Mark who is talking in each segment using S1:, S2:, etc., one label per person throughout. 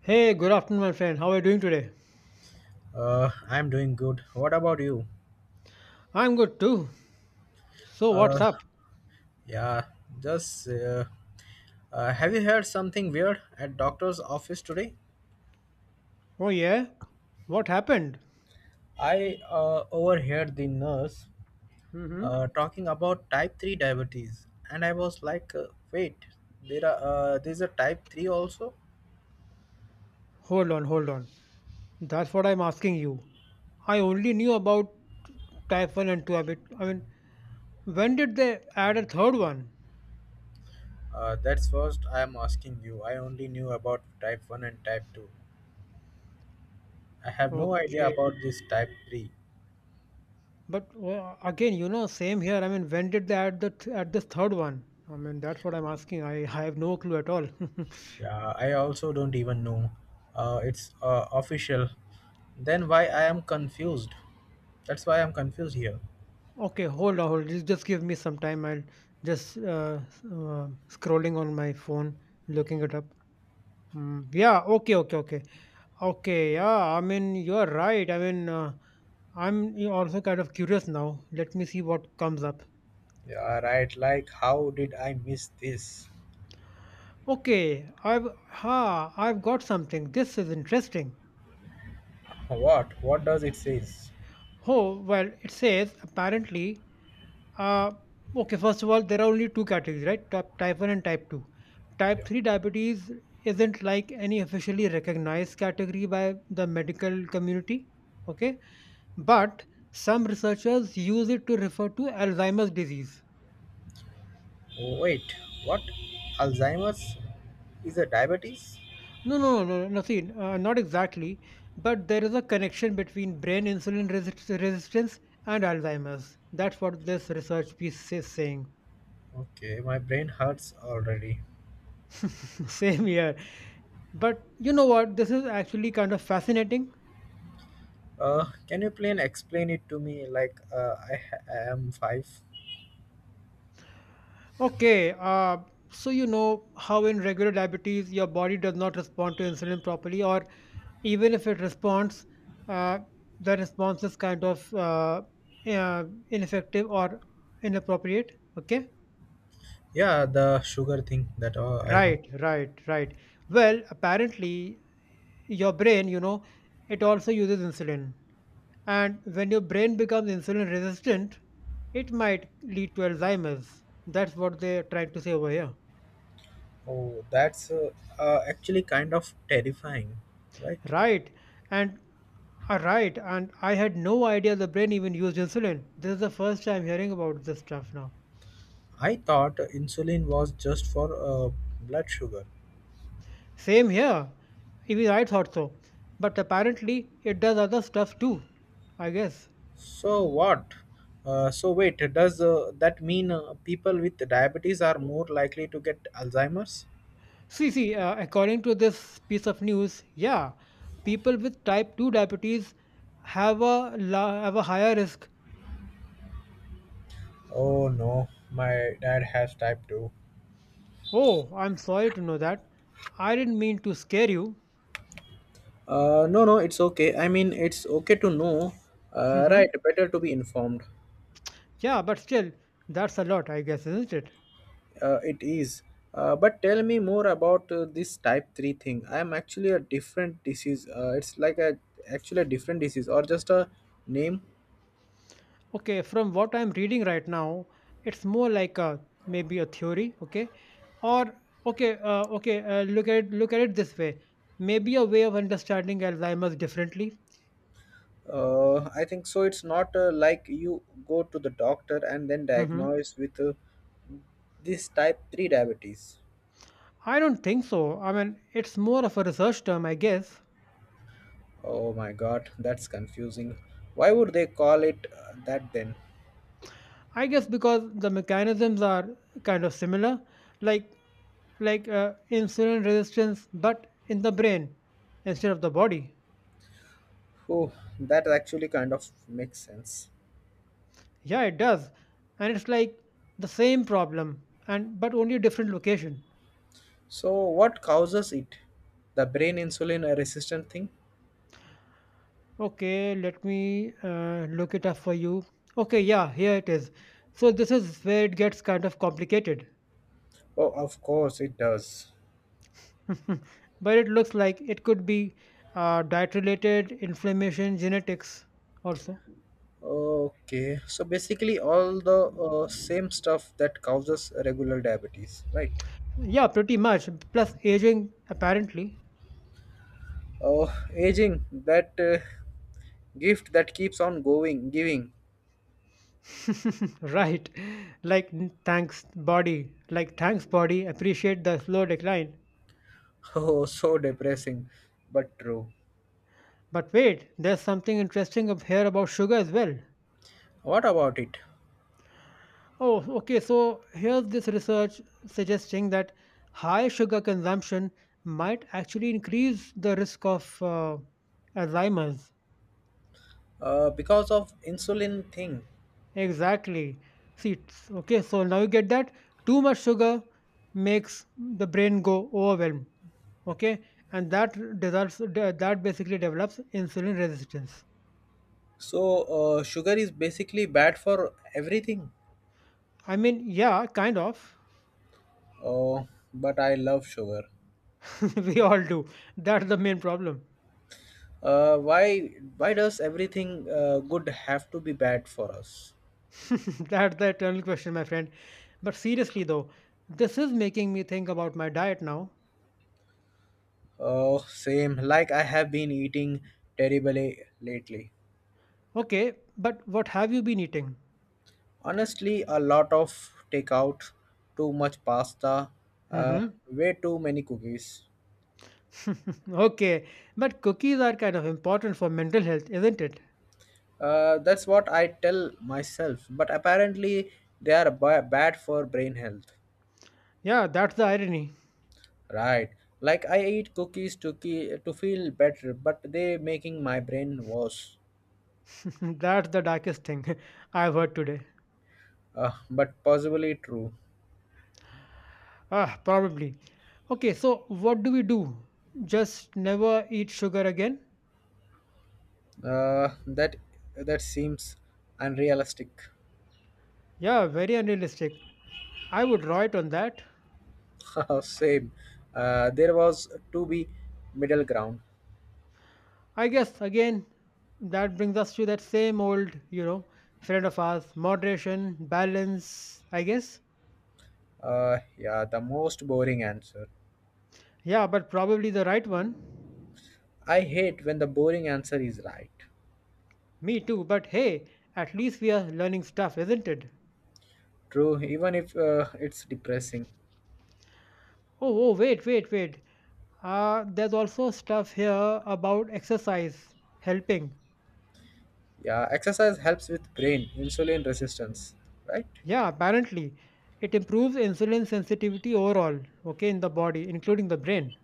S1: Hey, good afternoon, my friend. How are you doing today?
S2: I'm doing good. What about you?
S1: I'm good too. So,
S2: Uh,
S1: what's up?
S2: yeah, just have you heard something weird at doctor's office today?
S1: Oh, yeah? What happened?
S2: I overheard the nurse
S1: Hmm.
S2: talking about type 3 diabetes, and I was like, wait, there's a type 3 also?
S1: Hold on, hold on. That's what I'm asking you. I only knew about type 1 and 2 a bit. I mean, when did they add a third one?
S2: That's first I am asking you. I only knew about type 1 and type 2. I have no idea
S1: Okay.
S2: about this type 3.
S1: But again, same here. I mean, when did they add this third one? I mean, that's what I'm asking. I have no clue at all.
S2: Yeah, I also don't even know. It's official. Then why I am confused? That's why I'm confused here.
S1: Okay, hold on, hold. Just give me some time. I'll just scrolling on my phone, looking it up. Mm, yeah. Okay. Okay. Okay. Okay. Yeah. I mean, you're right. I mean, I'm also kind of curious now. Let me see what comes up.
S2: Yeah, right. Like, how did I miss this?
S1: Okay. I've ha. I've got something. This is interesting.
S2: What? What does it says?
S1: Oh well, it says apparently. Uh, okay, first of all, there are only two categories, right? Type 1 and type 2. Type
S2: Yeah.
S1: 3 diabetes isn't like any officially recognized category by the medical community, okay? But some researchers use it to refer to Alzheimer's disease.
S2: Oh, wait. What? Alzheimer's is a diabetes?
S1: No, no, no, no, no, see, not exactly, but there is a connection between brain insulin resistance and Alzheimer's. That's what this research piece is saying.
S2: Okay, my brain hurts already.
S1: Same here. But you know what? This is actually kind of fascinating.
S2: Can you please explain it to me? Like, I am five.
S1: Okay, so you know how in regular diabetes your body does not respond to insulin properly, or even if it responds, uh, the response is kind of uh, ineffective or inappropriate. Okay,
S2: Yeah, the sugar thing that I know.
S1: right, right, right. Well, apparently your brain, it also uses insulin. And when your brain becomes insulin resistant, it might lead to Alzheimer's. That's what they're trying to say over here.
S2: Oh, that's actually kind of terrifying, right?
S1: Right. And right. And I had no idea the brain even used insulin. This is the first time hearing about this stuff now.
S2: I thought insulin was just for blood sugar.
S1: Same here. Even I thought so. But apparently it does other stuff too, I guess.
S2: So what? So wait, does that mean people with diabetes are more likely to get Alzheimer's?
S1: See, according to this piece of news, yeah, people with type 2 diabetes have a higher risk.
S2: Oh no, my dad has type 2.
S1: Oh, I'm sorry to know that. I didn't mean to scare you.
S2: No, no, it's okay. I mean, it's okay to know. Right,
S1: Hmm.
S2: better to be informed.
S1: Yeah, but still, that's a lot, I guess, isn't it?
S2: It is. But tell me more about this type 3 thing. I am actually a different disease. It's like a actually a different disease or just a name.
S1: Okay, from what I'm reading right now, it's more like a maybe a theory, okay? Or okay, okay, look at it this way. Maybe a way of understanding Alzheimer's differently.
S2: I think so. It's not like you go to the doctor and then
S1: Hmm.
S2: diagnose with this type 3 diabetes.
S1: I don't think so. I mean, it's more of a research term, I guess.
S2: Oh my god, that's confusing. Why would they call it that then?
S1: I guess because the mechanisms are kind of similar, like insulin resistance, but in the brain instead of the body.
S2: Oh, that actually kind of makes sense.
S1: Yeah, it does, and it's like the same problem, and but only a different location.
S2: So, what causes it? The brain insulin resistant thing?
S1: Okay, let me look it up for you. Okay, yeah, here it is. So this is where it gets kind of complicated,
S2: Oh, of course it does.
S1: but it looks like it could be diet-related inflammation genetics also.
S2: Okay, so basically all the same stuff that causes regular diabetes, right?
S1: Yeah, pretty much. Plus aging, apparently.
S2: Oh, aging, that gift that keeps on giving.
S1: Right. Like n- thanks body. Like thanks body, appreciate the slow decline.
S2: Oh, so depressing, but true.
S1: But wait, there's something interesting up here about sugar as well.
S2: What about it?
S1: Oh, okay, so here's this research suggesting that high sugar consumption might actually increase the risk of Alzheimer's.
S2: Because of insulin thing.
S1: Exactly. See, okay, so now you get that too much sugar makes the brain go overwhelmed. Okay, and that that basically develops insulin resistance.
S2: So sugar is basically bad for everything.
S1: I mean, yeah, kind of.
S2: Oh, but I love sugar.
S1: We all do. That's the main problem.
S2: Why does everything good have to be bad for us?
S1: That's the eternal question, my friend. But seriously, though, this is making me think about my diet now.
S2: Oh, same. Like I have been eating terribly lately.
S1: Okay, but what have you been eating?
S2: Honestly, a lot of takeout, too much pasta, uh,
S1: Mm-hmm.
S2: way too many cookies.
S1: Okay, but cookies are kind of important for mental health, isn't it?
S2: That's what I tell myself. But apparently, they are bad for brain health.
S1: Yeah, that's the irony.
S2: Right. Like I eat cookies to feel better, but they making my brain worse.
S1: That's the darkest thing I've heard today.
S2: But possibly true.
S1: Ah, probably. Okay, so what do we do? Just never eat sugar again?
S2: Uh, that that seems unrealistic.
S1: Yeah, very unrealistic. I would write on that.
S2: Same. There was to be middle ground.
S1: I guess, again, that brings us to that same old, friend of ours moderation, balance, I guess.
S2: Yeah, the most boring answer.
S1: Yeah, but probably the right one.
S2: I hate when the boring answer is right.
S1: Me too, but hey, at least we are learning stuff, isn't it?
S2: True, even if it's depressing.
S1: Oh, oh, wait, wait, wait. There's also stuff here about exercise helping.
S2: Yeah, exercise helps with brain insulin resistance, right?
S1: Yeah, apparently it improves insulin sensitivity overall, okay, in the body, including the brain.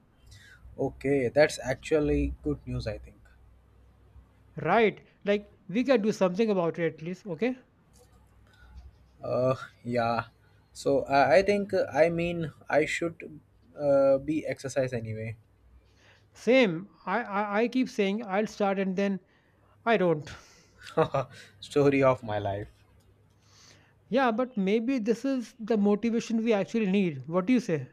S2: Okay, that's actually good news, I think.
S1: Right. Like we can do something about it at least, okay?
S2: Uh, yeah. So I think I mean I should be exercise anyway.
S1: Same. I keep saying I'll start and then I don't.
S2: Story of my life.
S1: Yeah, but maybe this is the motivation we actually need. What do you say?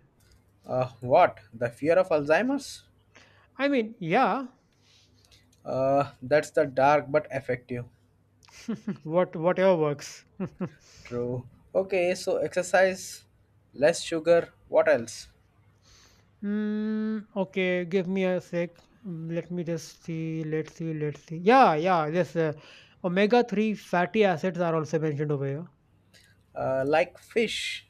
S2: What? The fear of Alzheimer's?
S1: I mean, yeah,
S2: That's the dark but effective.
S1: whatever works.
S2: True. Okay, so exercise, less sugar. What else?
S1: Mm, okay, give me a sec. Mm, let me just see. Let's see. Yeah, yeah. Yes, omega-3 fatty acids are also mentioned over here.
S2: Like fish.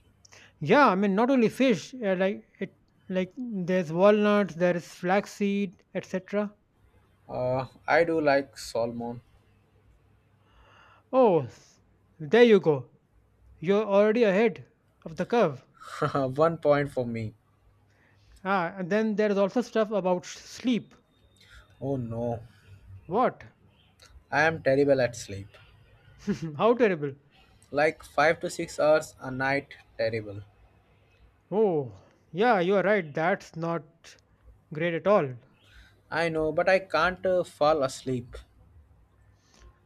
S1: Yeah, I mean not only fish. Like there's walnuts, there is flaxseed, etc.
S2: I do like salmon.
S1: Oh, there you go. You're already ahead of the curve.
S2: One point for me.
S1: Ah, and then there is also stuff about sleep.
S2: Oh no,
S1: What?
S2: I am terrible at sleep.
S1: How terrible.
S2: Like 5 to 6 hours a night, terrible.
S1: Oh, yeah, you are right. That's not great at all.
S2: I know, but I can't fall asleep.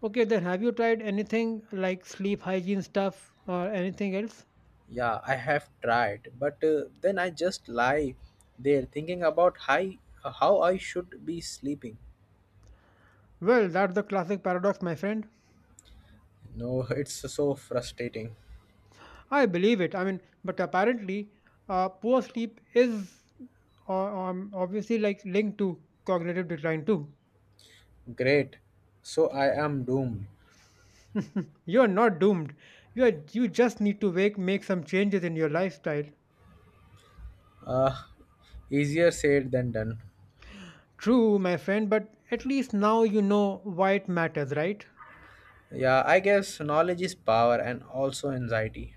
S1: Okay, then have you tried anything like sleep hygiene stuff or anything else?
S2: Yeah, I have tried, but then I just lie there thinking about how I should be sleeping.
S1: Well, that's the classic paradox, my friend.
S2: No, it's so frustrating.
S1: I believe it. I mean, but apparently, poor sleep is obviously like linked to cognitive decline too.
S2: Great. So I am doomed.
S1: You're not doomed. You are, you just need to make some changes in your lifestyle.
S2: Uh, Easier said than done.
S1: True, my friend, but at least now you know why it matters, right?
S2: Yeah, I guess knowledge is power and also anxiety.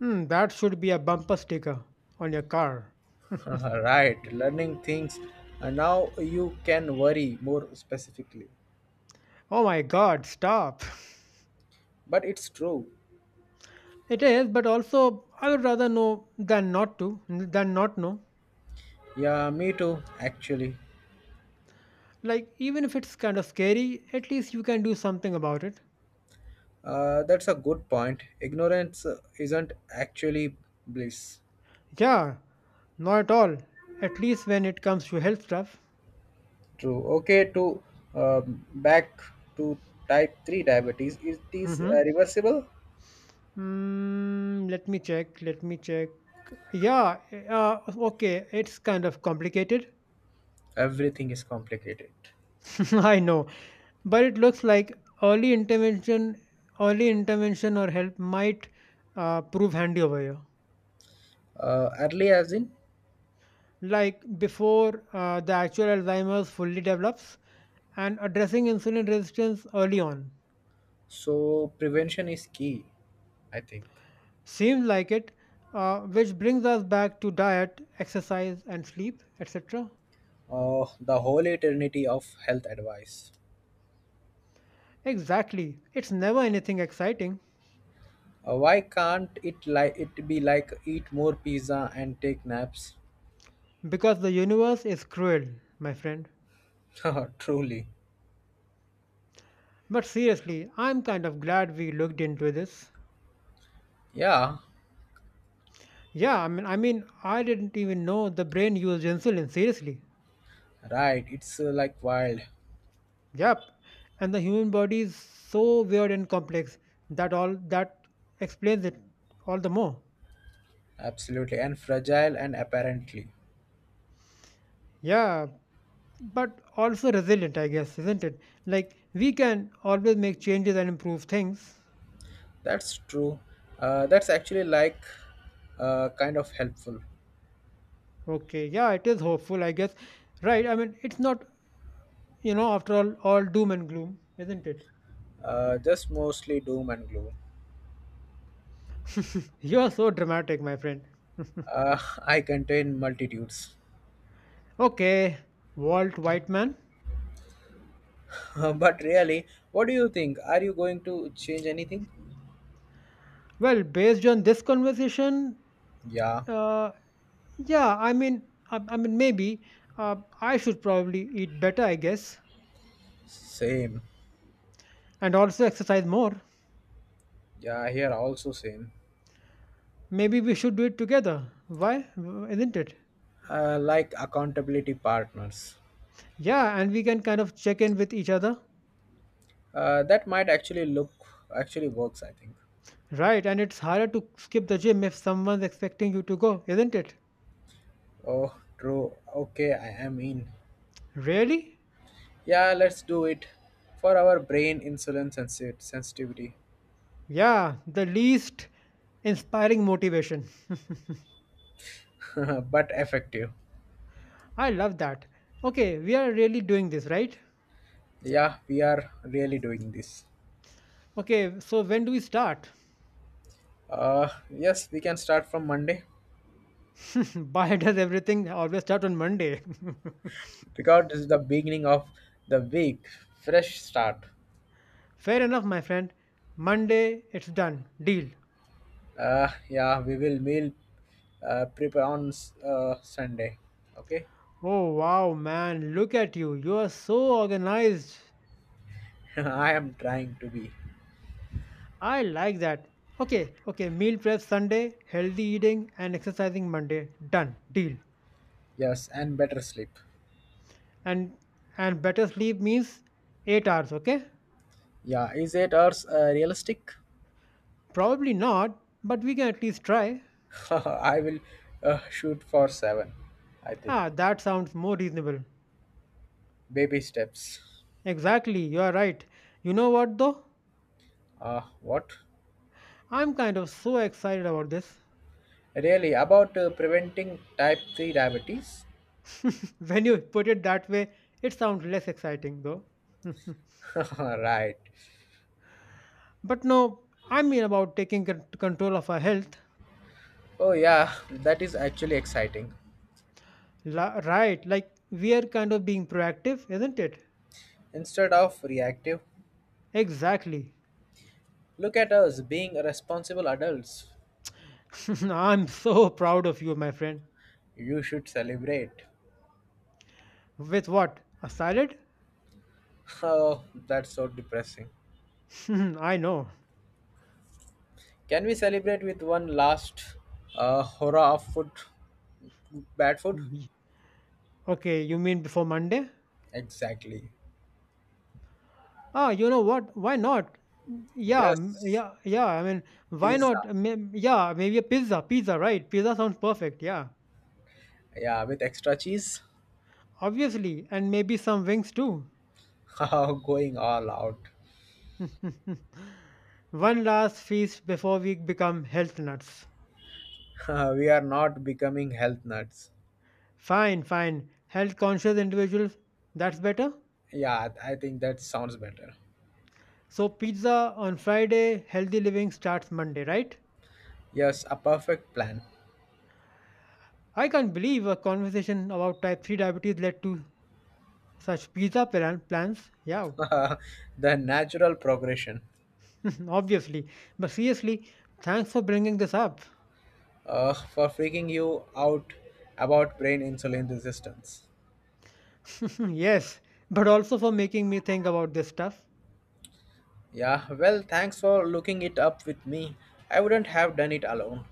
S1: Hmm, that should be a bumper sticker on your car.
S2: Right, learning things. And now you can worry more specifically.
S1: Oh my god, stop.
S2: But it's true.
S1: It is, but also I would rather know than not know.
S2: Yeah, me too, actually.
S1: Like, even if it's kind of scary, at least you can do something about it.
S2: That's a good point. Ignorance isn't actually bliss.
S1: Yeah, not at all. At least when it comes to health stuff.
S2: True. Okay, to back to type 3 diabetes, is this
S1: Mm-hmm.
S2: reversible?
S1: Mm, let me check. Yeah, uh, okay, it's kind of complicated.
S2: Everything is complicated.
S1: I know. But it looks like early intervention or help might prove handy over here.
S2: Early as in,
S1: Like before the actual Alzheimer's fully develops, and addressing insulin resistance early on.
S2: so prevention is key, I think.
S1: Seems like it, which brings us back to diet, exercise, and sleep, etc.
S2: The whole eternity of health advice.
S1: Exactly, it's never anything exciting
S2: Why can't it like it be like eat more pizza and take naps?
S1: because the universe is cruel, my friend.
S2: Truly.
S1: But seriously, I'm kind of glad we looked into this.
S2: Yeah,
S1: Yeah, I mean, I didn't even know the brain used insulin seriously.
S2: right. It's like wild.
S1: Yep. And the human body is so weird and complex that all that explains it all the more.
S2: Absolutely, and fragile and apparently.
S1: Yeah, but also resilient, I guess, isn't it? Like we can always make changes and improve things.
S2: That's true. That's actually like kind of helpful.
S1: Okay, yeah, it is hopeful, I guess. Right, I mean, it's not, after all doom and gloom, isn't it?
S2: Just mostly doom and gloom.
S1: You're so dramatic, my friend.
S2: Uh, I contain multitudes.
S1: Okay, Walt Whiteman.
S2: But really, what do you think? Are you going to change anything?
S1: Well, based on this conversation,
S2: Yeah,
S1: Uh, yeah, I mean, I mean, maybe I should probably eat better, I guess,
S2: same.
S1: and also exercise more.
S2: Yeah, here also same.
S1: Maybe we should do it together. Why? Isn't it?
S2: Like accountability partners.
S1: Yeah, and we can kind of check in with each other.
S2: That might actually works, I think.
S1: Right, and it's harder to skip the gym if someone's expecting you to go, isn't it?
S2: Oh, true. Okay, I am in.
S1: Really?
S2: Yeah, let's do it for our brain insulin sensitivity,
S1: Yeah, the least inspiring motivation.
S2: but effective.
S1: I love that. Okay, we are really doing this, right?
S2: Yeah, we are really doing this.
S1: Okay, so when do we start?
S2: Yes, we can start from Monday
S1: Why does everything always start on Monday?
S2: because this is the beginning of the week, fresh start.
S1: Fair enough, my friend. Monday, it's done. Deal.
S2: Yeah, we will meal prepare on Sunday. Okay,
S1: Oh, wow, man. Look at you. You are so organized.
S2: I am trying to be.
S1: I like that. Okay, okay. Meal prep Sunday, healthy eating, and exercising Monday. Done. Deal.
S2: Yes, and better sleep.
S1: And and better sleep means 8 hours, okay?
S2: Yeah, is 8 hours realistic?
S1: Probably not, but we can at least try.
S2: I will shoot for seven, I think.
S1: Ah, that sounds more reasonable.
S2: Baby steps.
S1: Exactly, you are right. You know what though?
S2: What?
S1: I'm kind of so excited about this.
S2: Really? About preventing type 3 diabetes?
S1: When you put it that way, it sounds less exciting though.
S2: Right.
S1: But no, I mean about taking control of our health.
S2: Oh, yeah, that is actually exciting.
S1: Right, like we are kind of being proactive, isn't it?
S2: Instead of reactive,
S1: Exactly.
S2: look at us being responsible adults.
S1: I'm so proud of you, my friend.
S2: You should celebrate.
S1: With what? A salad?
S2: Oh, that's so depressing.
S1: I know.
S2: Can we celebrate with one last horror of food? Bad food?
S1: Y- Okay, you mean before Monday?
S2: Exactly.
S1: Ah, you know what? Why not? Mm, yeah, mm,
S2: Yes,
S1: yeah, yeah. I mean, why not?
S2: pizza.
S1: Yeah, maybe a pizza. Pizza, right? Pizza sounds perfect. Yeah.
S2: Yeah, with extra cheese.
S1: Obviously, and maybe some wings too.
S2: Going all out.
S1: One last feast before we become health nuts.
S2: We are not becoming health nuts.
S1: Fine, fine. Health conscious individuals, that's better.
S2: Yeah, I think that sounds better.
S1: So, pizza on Friday, healthy living starts Monday, right?
S2: Yes, a perfect plan.
S1: I can't believe a conversation about type 3 diabetes led to such pizza plans. Yeah,
S2: The natural progression
S1: obviously. But seriously, thanks for bringing this up.
S2: for freaking you out about brain insulin resistance.
S1: Yes, but also for making me think about this stuff.
S2: Yeah, well, thanks for looking it up with me. I wouldn't have done it alone.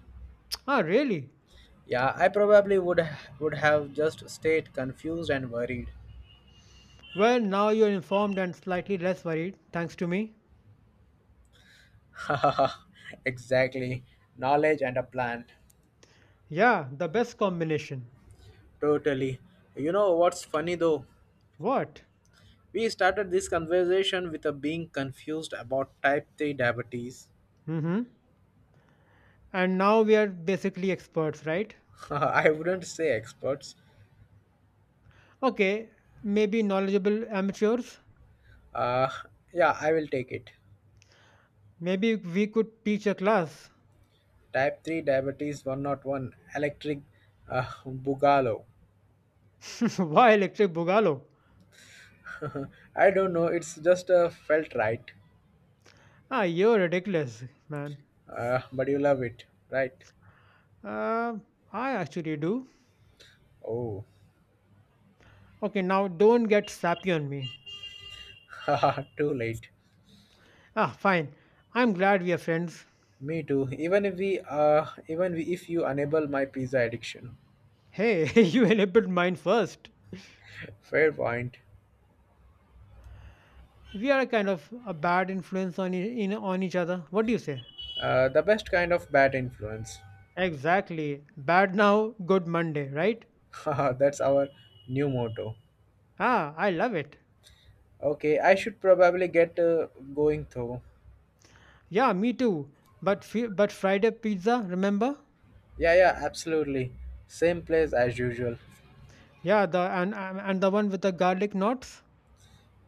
S1: Ah, really?
S2: Yeah, I probably would have just stayed confused and worried.
S1: Well, now you're informed and slightly less worried, thanks to me.
S2: Exactly. Knowledge and a plan.
S1: Yeah, the best combination.
S2: Totally. You know what's funny though?
S1: What?
S2: We started this conversation with a being confused about type 3 diabetes.
S1: Mm-hmm. And now we are basically experts, right?
S2: I wouldn't say experts.
S1: Okay, maybe knowledgeable amateurs.
S2: Uh, yeah, I will take it.
S1: Maybe we could teach a class.
S2: Type 3 diabetes 101 electric bugalo.
S1: Why electric boogaloo?
S2: I don't know, it's just felt right.
S1: Ah, you're ridiculous, man.
S2: But you love it, right?
S1: Uh, I actually do.
S2: Oh,
S1: Okay, now don't get sappy on me.
S2: too late.
S1: Ah, fine. I'm glad we are friends.
S2: Me too. Even if you enable my pizza addiction.
S1: Hey, you enabled mine first.
S2: Fair point.
S1: We are kind of a bad influence on e- in on each other. What do you say?
S2: The best kind of bad influence.
S1: Exactly. Bad now, good Monday, right?
S2: That's our new motto.
S1: Ah, I love it.
S2: Okay, I should probably get going though.
S1: Yeah, me too. But Friday pizza, remember?
S2: Yeah, yeah, absolutely. Same place as usual.
S1: Yeah, the and the one with the garlic knots.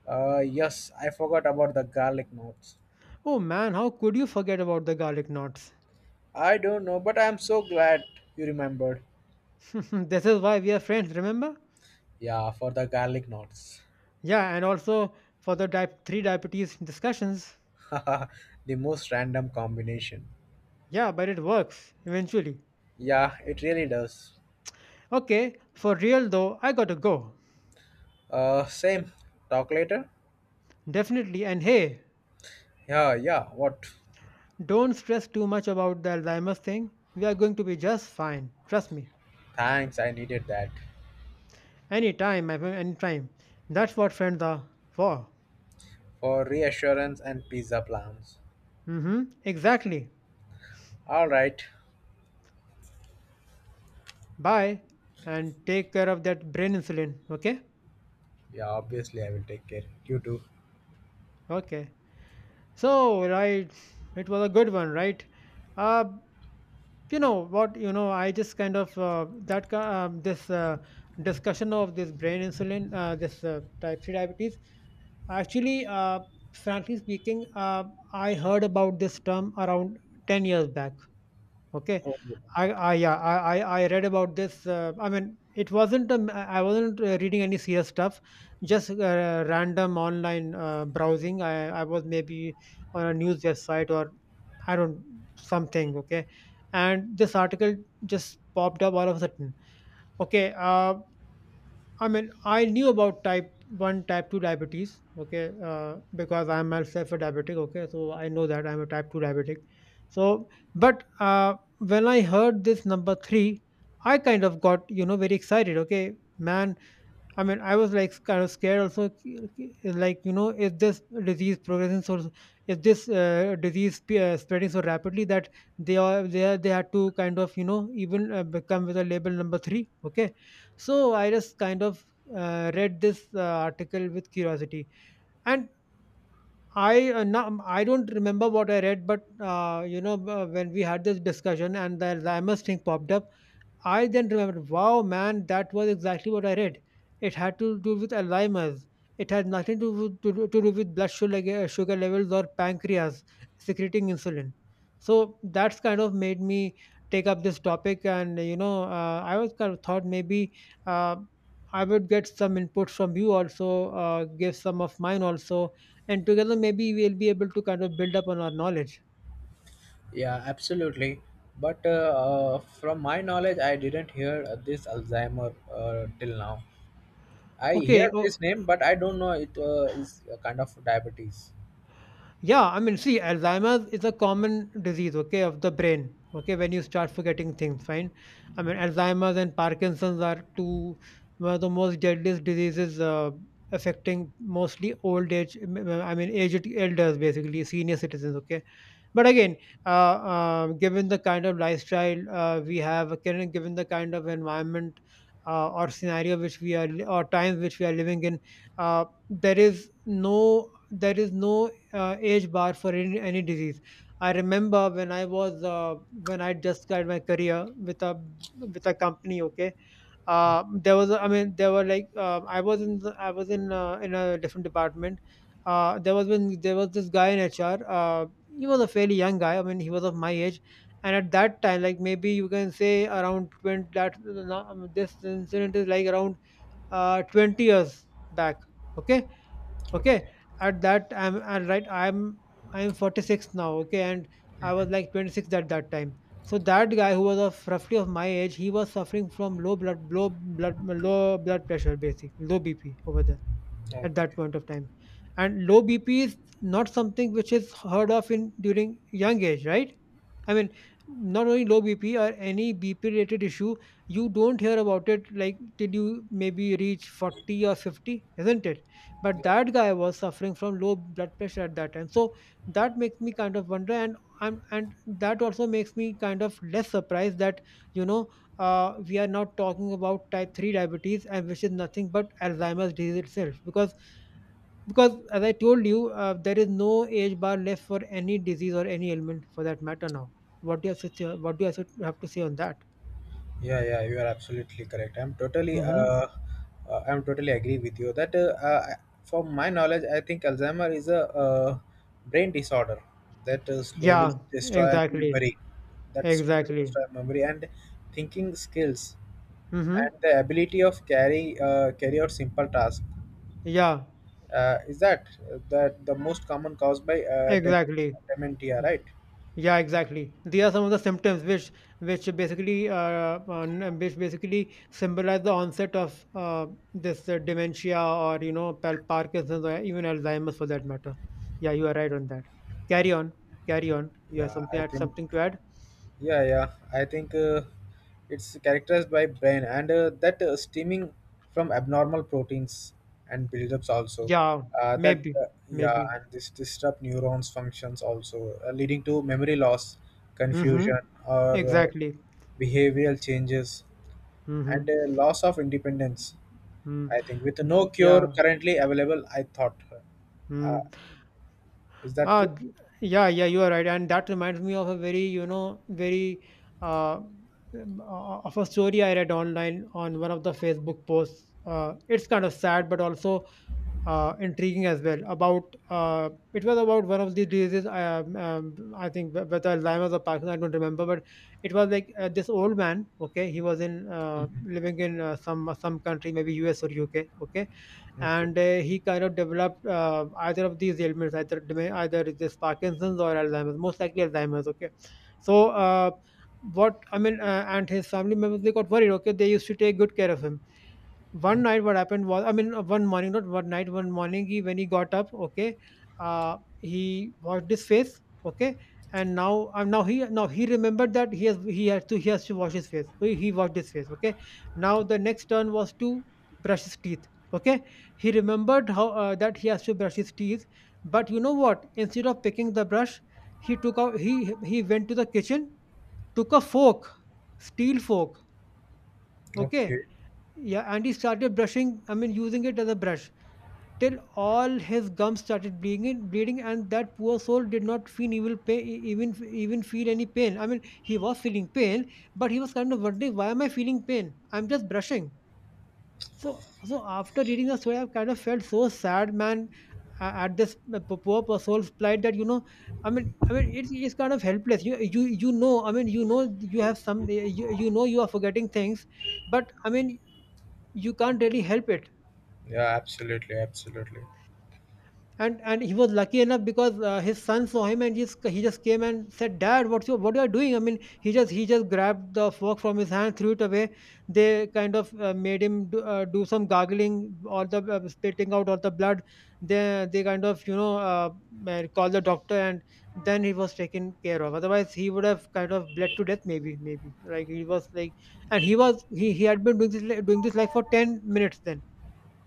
S2: Yes, I forgot about the garlic knots.
S1: Oh man, how could you forget about the garlic knots?
S2: I don't know, but I'm so glad you remembered.
S1: This is why we are friends, remember?
S2: Yeah, for the garlic knots.
S1: Yeah, and also for the three diabetes discussions.
S2: The most random combination.
S1: Yeah, but it works eventually.
S2: Yeah, it really does.
S1: Okay, for real though, I gotta go.
S2: Same. Talk later?
S1: Definitely, and hey.
S2: Yeah, yeah, what?
S1: Don't stress too much about the Alzheimer's thing. We are going to be just fine. Trust me.
S2: Thanks, I needed that.
S1: Anytime, my friend, anytime. That's what friends are for.
S2: For reassurance and pizza plans.
S1: Mm-hmm. Exactly.
S2: Alright.
S1: Bye. And take care of that brain insulin. Okay?
S2: Yeah, obviously, I will take care. You too.
S1: Okay. So, right. It was a good one, right? Uh, you know what, I just kind of that ki- this discussion of this brain insulin, this type 3 diabetes, actually, frankly speaking, I heard about this term around 10 years back. Okay.
S2: Oh.
S1: I, yeah, I read about this, I mean, it wasn't, I wasn't reading any serious stuff, just random online browsing. I was maybe on a news website, or I don't, something, okay? And this article just popped up all of a sudden. Okay, I mean, I knew about type 1, type 2 diabetes, okay, because I'm myself a diabetic, okay, so I know that I'm a type 2 diabetic. So, but when I heard this number 3, I kind of got, you know, very excited, okay? Man, I mean, I was like kind of scared also, like, you know, is this disease progressing, so is this spreading so rapidly that they had to kind of, you know, even become with a label number 3. Okay. So I just kind of read this article with curiosity. And I, now, I don't remember what I read, but, you know, when we had this discussion and the Alzheimer's thing popped up, I then remembered, wow, man, that was exactly what I read. It had to do with Alzheimer's. It had nothing to do with blood sugar levels or pancreas secreting insulin. So that's kind of made me take up this topic, and, you know, I was kind of thought, maybe uh, I would get some input from you also, give some of mine also, and together maybe we'll be able to kind of build up on our knowledge.
S2: Yeah, absolutely. But From my knowledge, I didn't hear this Alzheimer till now. I
S1: Okay.
S2: hear this name, but I don't know it is a kind of diabetes.
S1: Yeah, I mean, see, Alzheimer's is a common disease, okay, of the brain, okay, when you start forgetting things, fine. I mean, Alzheimer's and Parkinson's are two, one of the most deadliest diseases, affecting mostly old age, I mean, aged elders, basically, senior citizens, okay. But again, given the kind of lifestyle we have, given the kind of environment or scenario which we are, or times which we are living in, there is no age bar for any disease. I remember when I was, when I just got my career with a, with a company. Okay, there was a, I mean there were like, I was in the, I was in a different department. There was this guy in HR, he was a fairly young guy, I mean he was of my age, and at that time, like maybe you can say around 20, that no, I mean, this incident is like around, 20 years back. Okay. Okay.
S2: Okay.
S1: At that i'm and right i'm i'm 46 now, okay, and I
S2: Hmm.
S1: was like 26 at that time. So that guy, who was of roughly of my age, he was suffering from low blood pressure, basically low bp over there, at
S2: Okay.
S1: that point of time. And low BP is not something which is heard of in during young age, right? I mean, not only low BP or any BP related issue, you don't hear about it like till you maybe reach 40 or 50, isn't it? But that guy was suffering from low blood pressure at that time. So that makes me kind of wonder, and I'm, and that also makes me kind of less surprised that, you know, we are not talking about type 3 diabetes, and which is nothing but Alzheimer's disease itself, because, as I told you, there is no age bar left for any disease or any ailment for that matter. Now, what do you have to say on that?
S2: Yeah, yeah, you are absolutely correct.
S1: Mm-hmm.
S2: I'm totally agree with you that, from my knowledge, I think Alzheimer is a brain disorder that slowly
S1: Yeah.
S2: destroy
S1: Exactly.
S2: memory, that slowly
S1: Exactly.
S2: destroy memory and thinking skills
S1: Mm-hmm.
S2: and the ability of carry out simple tasks.
S1: Yeah.
S2: Is that that the most common cause by
S1: Exactly.
S2: dementia, right?
S1: Yeah, exactly. These are some of the symptoms which basically, which basically symbolize the onset of this dementia, or, you know, Parkinson's, or even Alzheimer's, for that matter. Yeah, you are right on that. Carry on, carry on. You have
S2: Yeah,
S1: something,
S2: I
S1: add
S2: think.
S1: something to add?
S2: Yeah, yeah. I think it's characterized by brain and that steaming from abnormal proteins and buildups also.
S1: Yeah,
S2: That
S1: maybe,
S2: Yeah,
S1: maybe.
S2: and this disrupt neurons functions also, leading to memory loss,
S1: Mm-hmm.
S2: confusion, or
S1: Exactly.
S2: behavioral changes, and
S1: Mm-hmm.
S2: loss of independence.
S1: Mm.
S2: I think with no cure
S1: Yeah.
S2: currently available, I thought. Uh,
S1: Mm.
S2: is that
S1: Ah,
S2: true?
S1: th- yeah, yeah, you are right, and that reminds me of a very, you know, very, uh, of a story I read online on one of the Facebook posts. It's kind of sad, but also intriguing as well. About, it was about one of the diseases. I think, whether Alzheimer's or Parkinson's, I don't remember, but it was like, this old man. Okay, he was in,
S2: Mhm.
S1: living in, some country, maybe US or UK. Okay,
S2: Okay.
S1: and he kind of developed, either of these ailments, either, either it is Parkinson's or Alzheimer's, most likely Alzheimer's. Okay, so what I mean, and his family members, they got worried. Okay, they used to take good care of him. One night, what happened was, I mean, one morning, not one night, one morning, he when he got up, okay, he washed his face, okay, and now, now he remembered that he has to wash his face. So he washed his face. Okay, now the next turn was to brush his teeth. Okay, he remembered how, that he has to brush his teeth. But, you know what, instead of picking the brush, he went to the kitchen, took a fork, steel fork.
S2: Okay.
S1: Okay. Yeah, and he started brushing, I mean, using it as a brush, till all his gums started bleeding, bleeding, and that poor soul did not feel even pain, even even feel any pain. I mean, he was feeling pain, but he was kind of wondering, why am I feeling pain? I'm just brushing. So, so after reading the story, I've kind of felt so sad, man, at this, poor soul's plight, that, you know, I mean, it's kind of helpless. You know, I mean, you know, you have some, you know, you are forgetting things, but, I mean, you can't really help it.
S2: Yeah, absolutely, absolutely.
S1: And he was lucky enough because, his son saw him, and he's, he just came and said, dad, what you are doing? I mean, he just grabbed the fork from his hand, threw it away. They kind of, made him do, do some gargling, or the, spitting out all the blood. They kind of, you know, called the doctor, and then he was taken care of. Otherwise, he would have kind of bled to death, maybe, maybe, like he was like, and he was, he had been doing this, doing this like for 10 minutes then.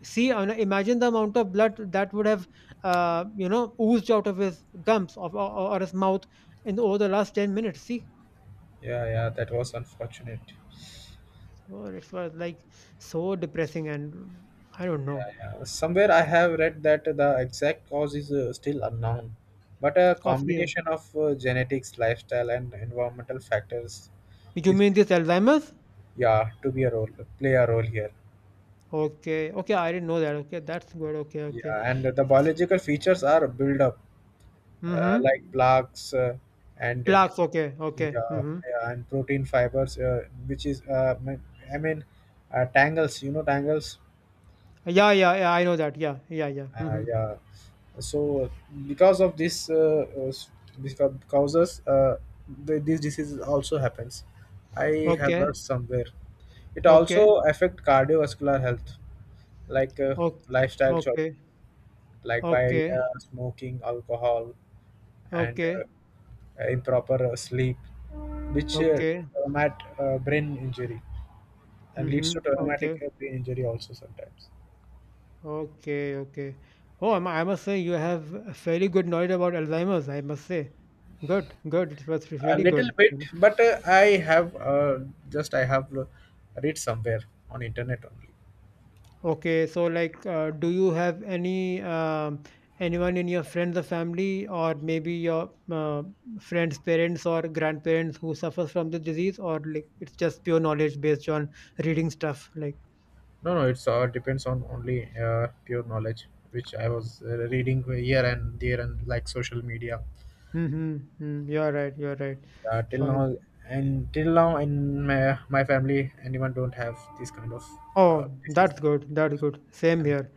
S1: See, I mean, imagine the amount of blood that would have, you know, oozed out of his gums, of, or his mouth, in the, over the last 10 minutes. See,
S2: Yeah, yeah, that was unfortunate.
S1: so it was like so depressing, and I don't know.
S2: Yeah, yeah. Somewhere I have read that the exact cause is still unknown, but a
S1: Of the,
S2: combination of genetics, lifestyle, and environmental factors
S1: you
S2: is
S1: mean this Alzheimer's?
S2: yeah to be a role play a role here.
S1: Okay, okay, I didn't know that. Okay, that's good. Okay, okay.
S2: Yeah, and the biological features are build up like
S1: Mm-hmm.
S2: plaques and
S1: Plaques. Okay, okay.
S2: yeah,
S1: Mm-hmm.
S2: yeah, and protein fibers, which is I mean tangles. You know tangles.
S1: Yeah, yeah, yeah. I know that. Yeah, yeah, yeah. Mm-hmm.
S2: Yeah. So because of this, because causes these diseases also happens. I have
S1: Okay,
S2: read somewhere. It
S1: okay,
S2: also affect cardiovascular health, like
S1: okay,
S2: lifestyle choice,
S1: okay,
S2: like by
S1: okay,
S2: smoking, alcohol, and
S1: okay,
S2: improper sleep, which
S1: okay.
S2: brain injury and leads
S1: Mm-hmm.
S2: to traumatic
S1: Okay.
S2: brain injury also sometimes.
S1: Okay, okay. Oh, I I must say, you have a fairly good knowledge about Alzheimer's, I must say. Good, good. It was
S2: A
S1: really
S2: little
S1: good,
S2: bit,
S1: you know.
S2: but I have just I have uh, read somewhere on internet only.
S1: Okay, so, like, do you have any, anyone in your friends or family, or maybe your, friends' parents or grandparents, who suffers from the disease, or, like, it's just pure knowledge based on reading stuff? Like,
S2: No, no, it's all depends on only pure knowledge, which I was reading here and there and like social media.
S1: mm-hmm, mm, you're right, you're right.
S2: Till
S1: Fine.
S2: now, and till now in my family, anyone don't have this kind of
S1: Oh,
S2: disease
S1: that's
S2: like.
S1: good. That's good. Same
S2: And,
S1: here.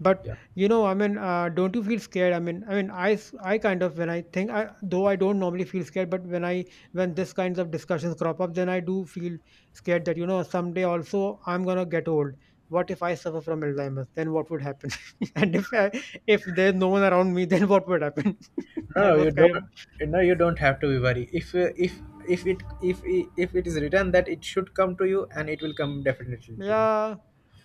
S1: But,
S2: yeah,
S1: you know, I mean, don't you feel scared? I mean, I mean, I kind of, when I think, I though I don't normally feel scared, but when I, when this kinds of discussions crop up, then I do feel scared that, you know, someday also I'm gonna get old. What if I suffer from Alzheimer's? Then what would happen? And if I, if there's no one around me, then what would happen?
S2: no,
S1: I
S2: no, you
S1: was kind of
S2: don't. No, you don't have to be worried. If it if if it is written that it should come to you, and it will come definitely to you.
S1: yeah.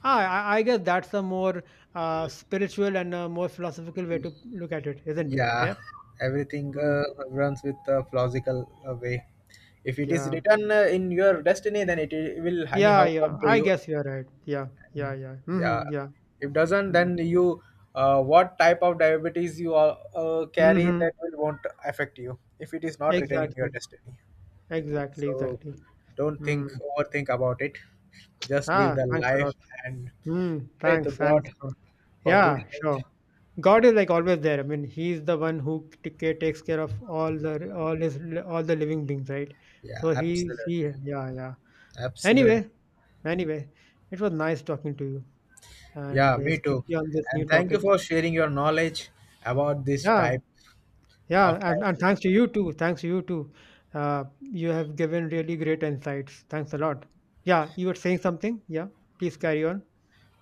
S1: Ah, I guess that's a more, spiritual and a more philosophical way to look at it, isn't it?
S2: Yeah,
S1: Yeah.
S2: everything
S1: Mm,
S2: runs with a plausible way. If it is
S1: yeah.
S2: written in your destiny, then will
S1: Yeah,
S2: anyhow come
S1: yeah.
S2: to
S1: I
S2: you.
S1: guess you're right. Yeah, yeah,
S2: And,
S1: yeah.
S2: yeah,
S1: Hmm, yeah.
S2: if doesn't,
S1: Mm-hmm.
S2: then you what type of diabetes you are, carry
S1: Mm-hmm.
S2: that will won't affect you if it is not written in your
S1: Exactly.
S2: destiny.
S1: Exactly.
S2: So
S1: Exactly.
S2: don't think
S1: Mm.
S2: overthink about it. Just live
S1: Ah,
S2: the
S1: thanks a
S2: life
S1: lot.
S2: and
S1: Mm.
S2: pray to
S1: Thanks. Thanks.
S2: God
S1: For-
S2: for good
S1: Yeah, sure.
S2: health.
S1: God is like always there. I mean, He's the one who takes care of all the, all the living beings, right?
S2: Yeah,
S1: So he's he.
S2: absolutely,
S1: Yeah, yeah. Anyway,
S2: absolutely.
S1: anyway, it was nice talking to you,
S2: Yeah,
S1: and
S2: me too.
S1: especially on this
S2: And
S1: new
S2: thank you
S1: topic.
S2: for sharing your knowledge about this
S1: Yeah.
S2: type
S1: Yeah,
S2: of
S1: and
S2: diabetes.
S1: thanks to you too. Thanks to you too. You have given really great insights. Thanks a lot. Yeah, you were saying something? Yeah, please carry on.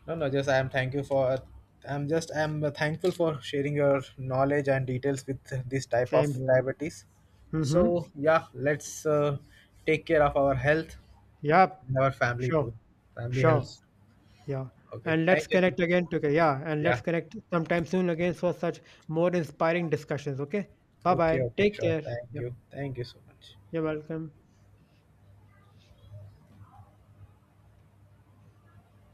S2: No, no, just I am thank you for I'm just I'm thankful for sharing your knowledge and details with this type of
S1: Same here.
S2: diabetes.
S1: Mm-hmm.
S2: So yeah, let's take care of our health
S1: Yeah,
S2: and our family
S1: sure,
S2: too. Family
S1: sure.
S2: health.
S1: Yeah.
S2: Okay,
S1: And
S2: thank
S1: let's
S2: you, sir.
S1: connect again together. Yeah, and
S2: Yeah.
S1: let's connect sometime soon again for such more inspiring discussions. Okay. Bye
S2: Okay.
S1: bye.
S2: Okay.
S1: Take
S2: Sure.
S1: care.
S2: Thank
S1: Yeah,
S2: you. Thank you so much.
S1: you're welcome.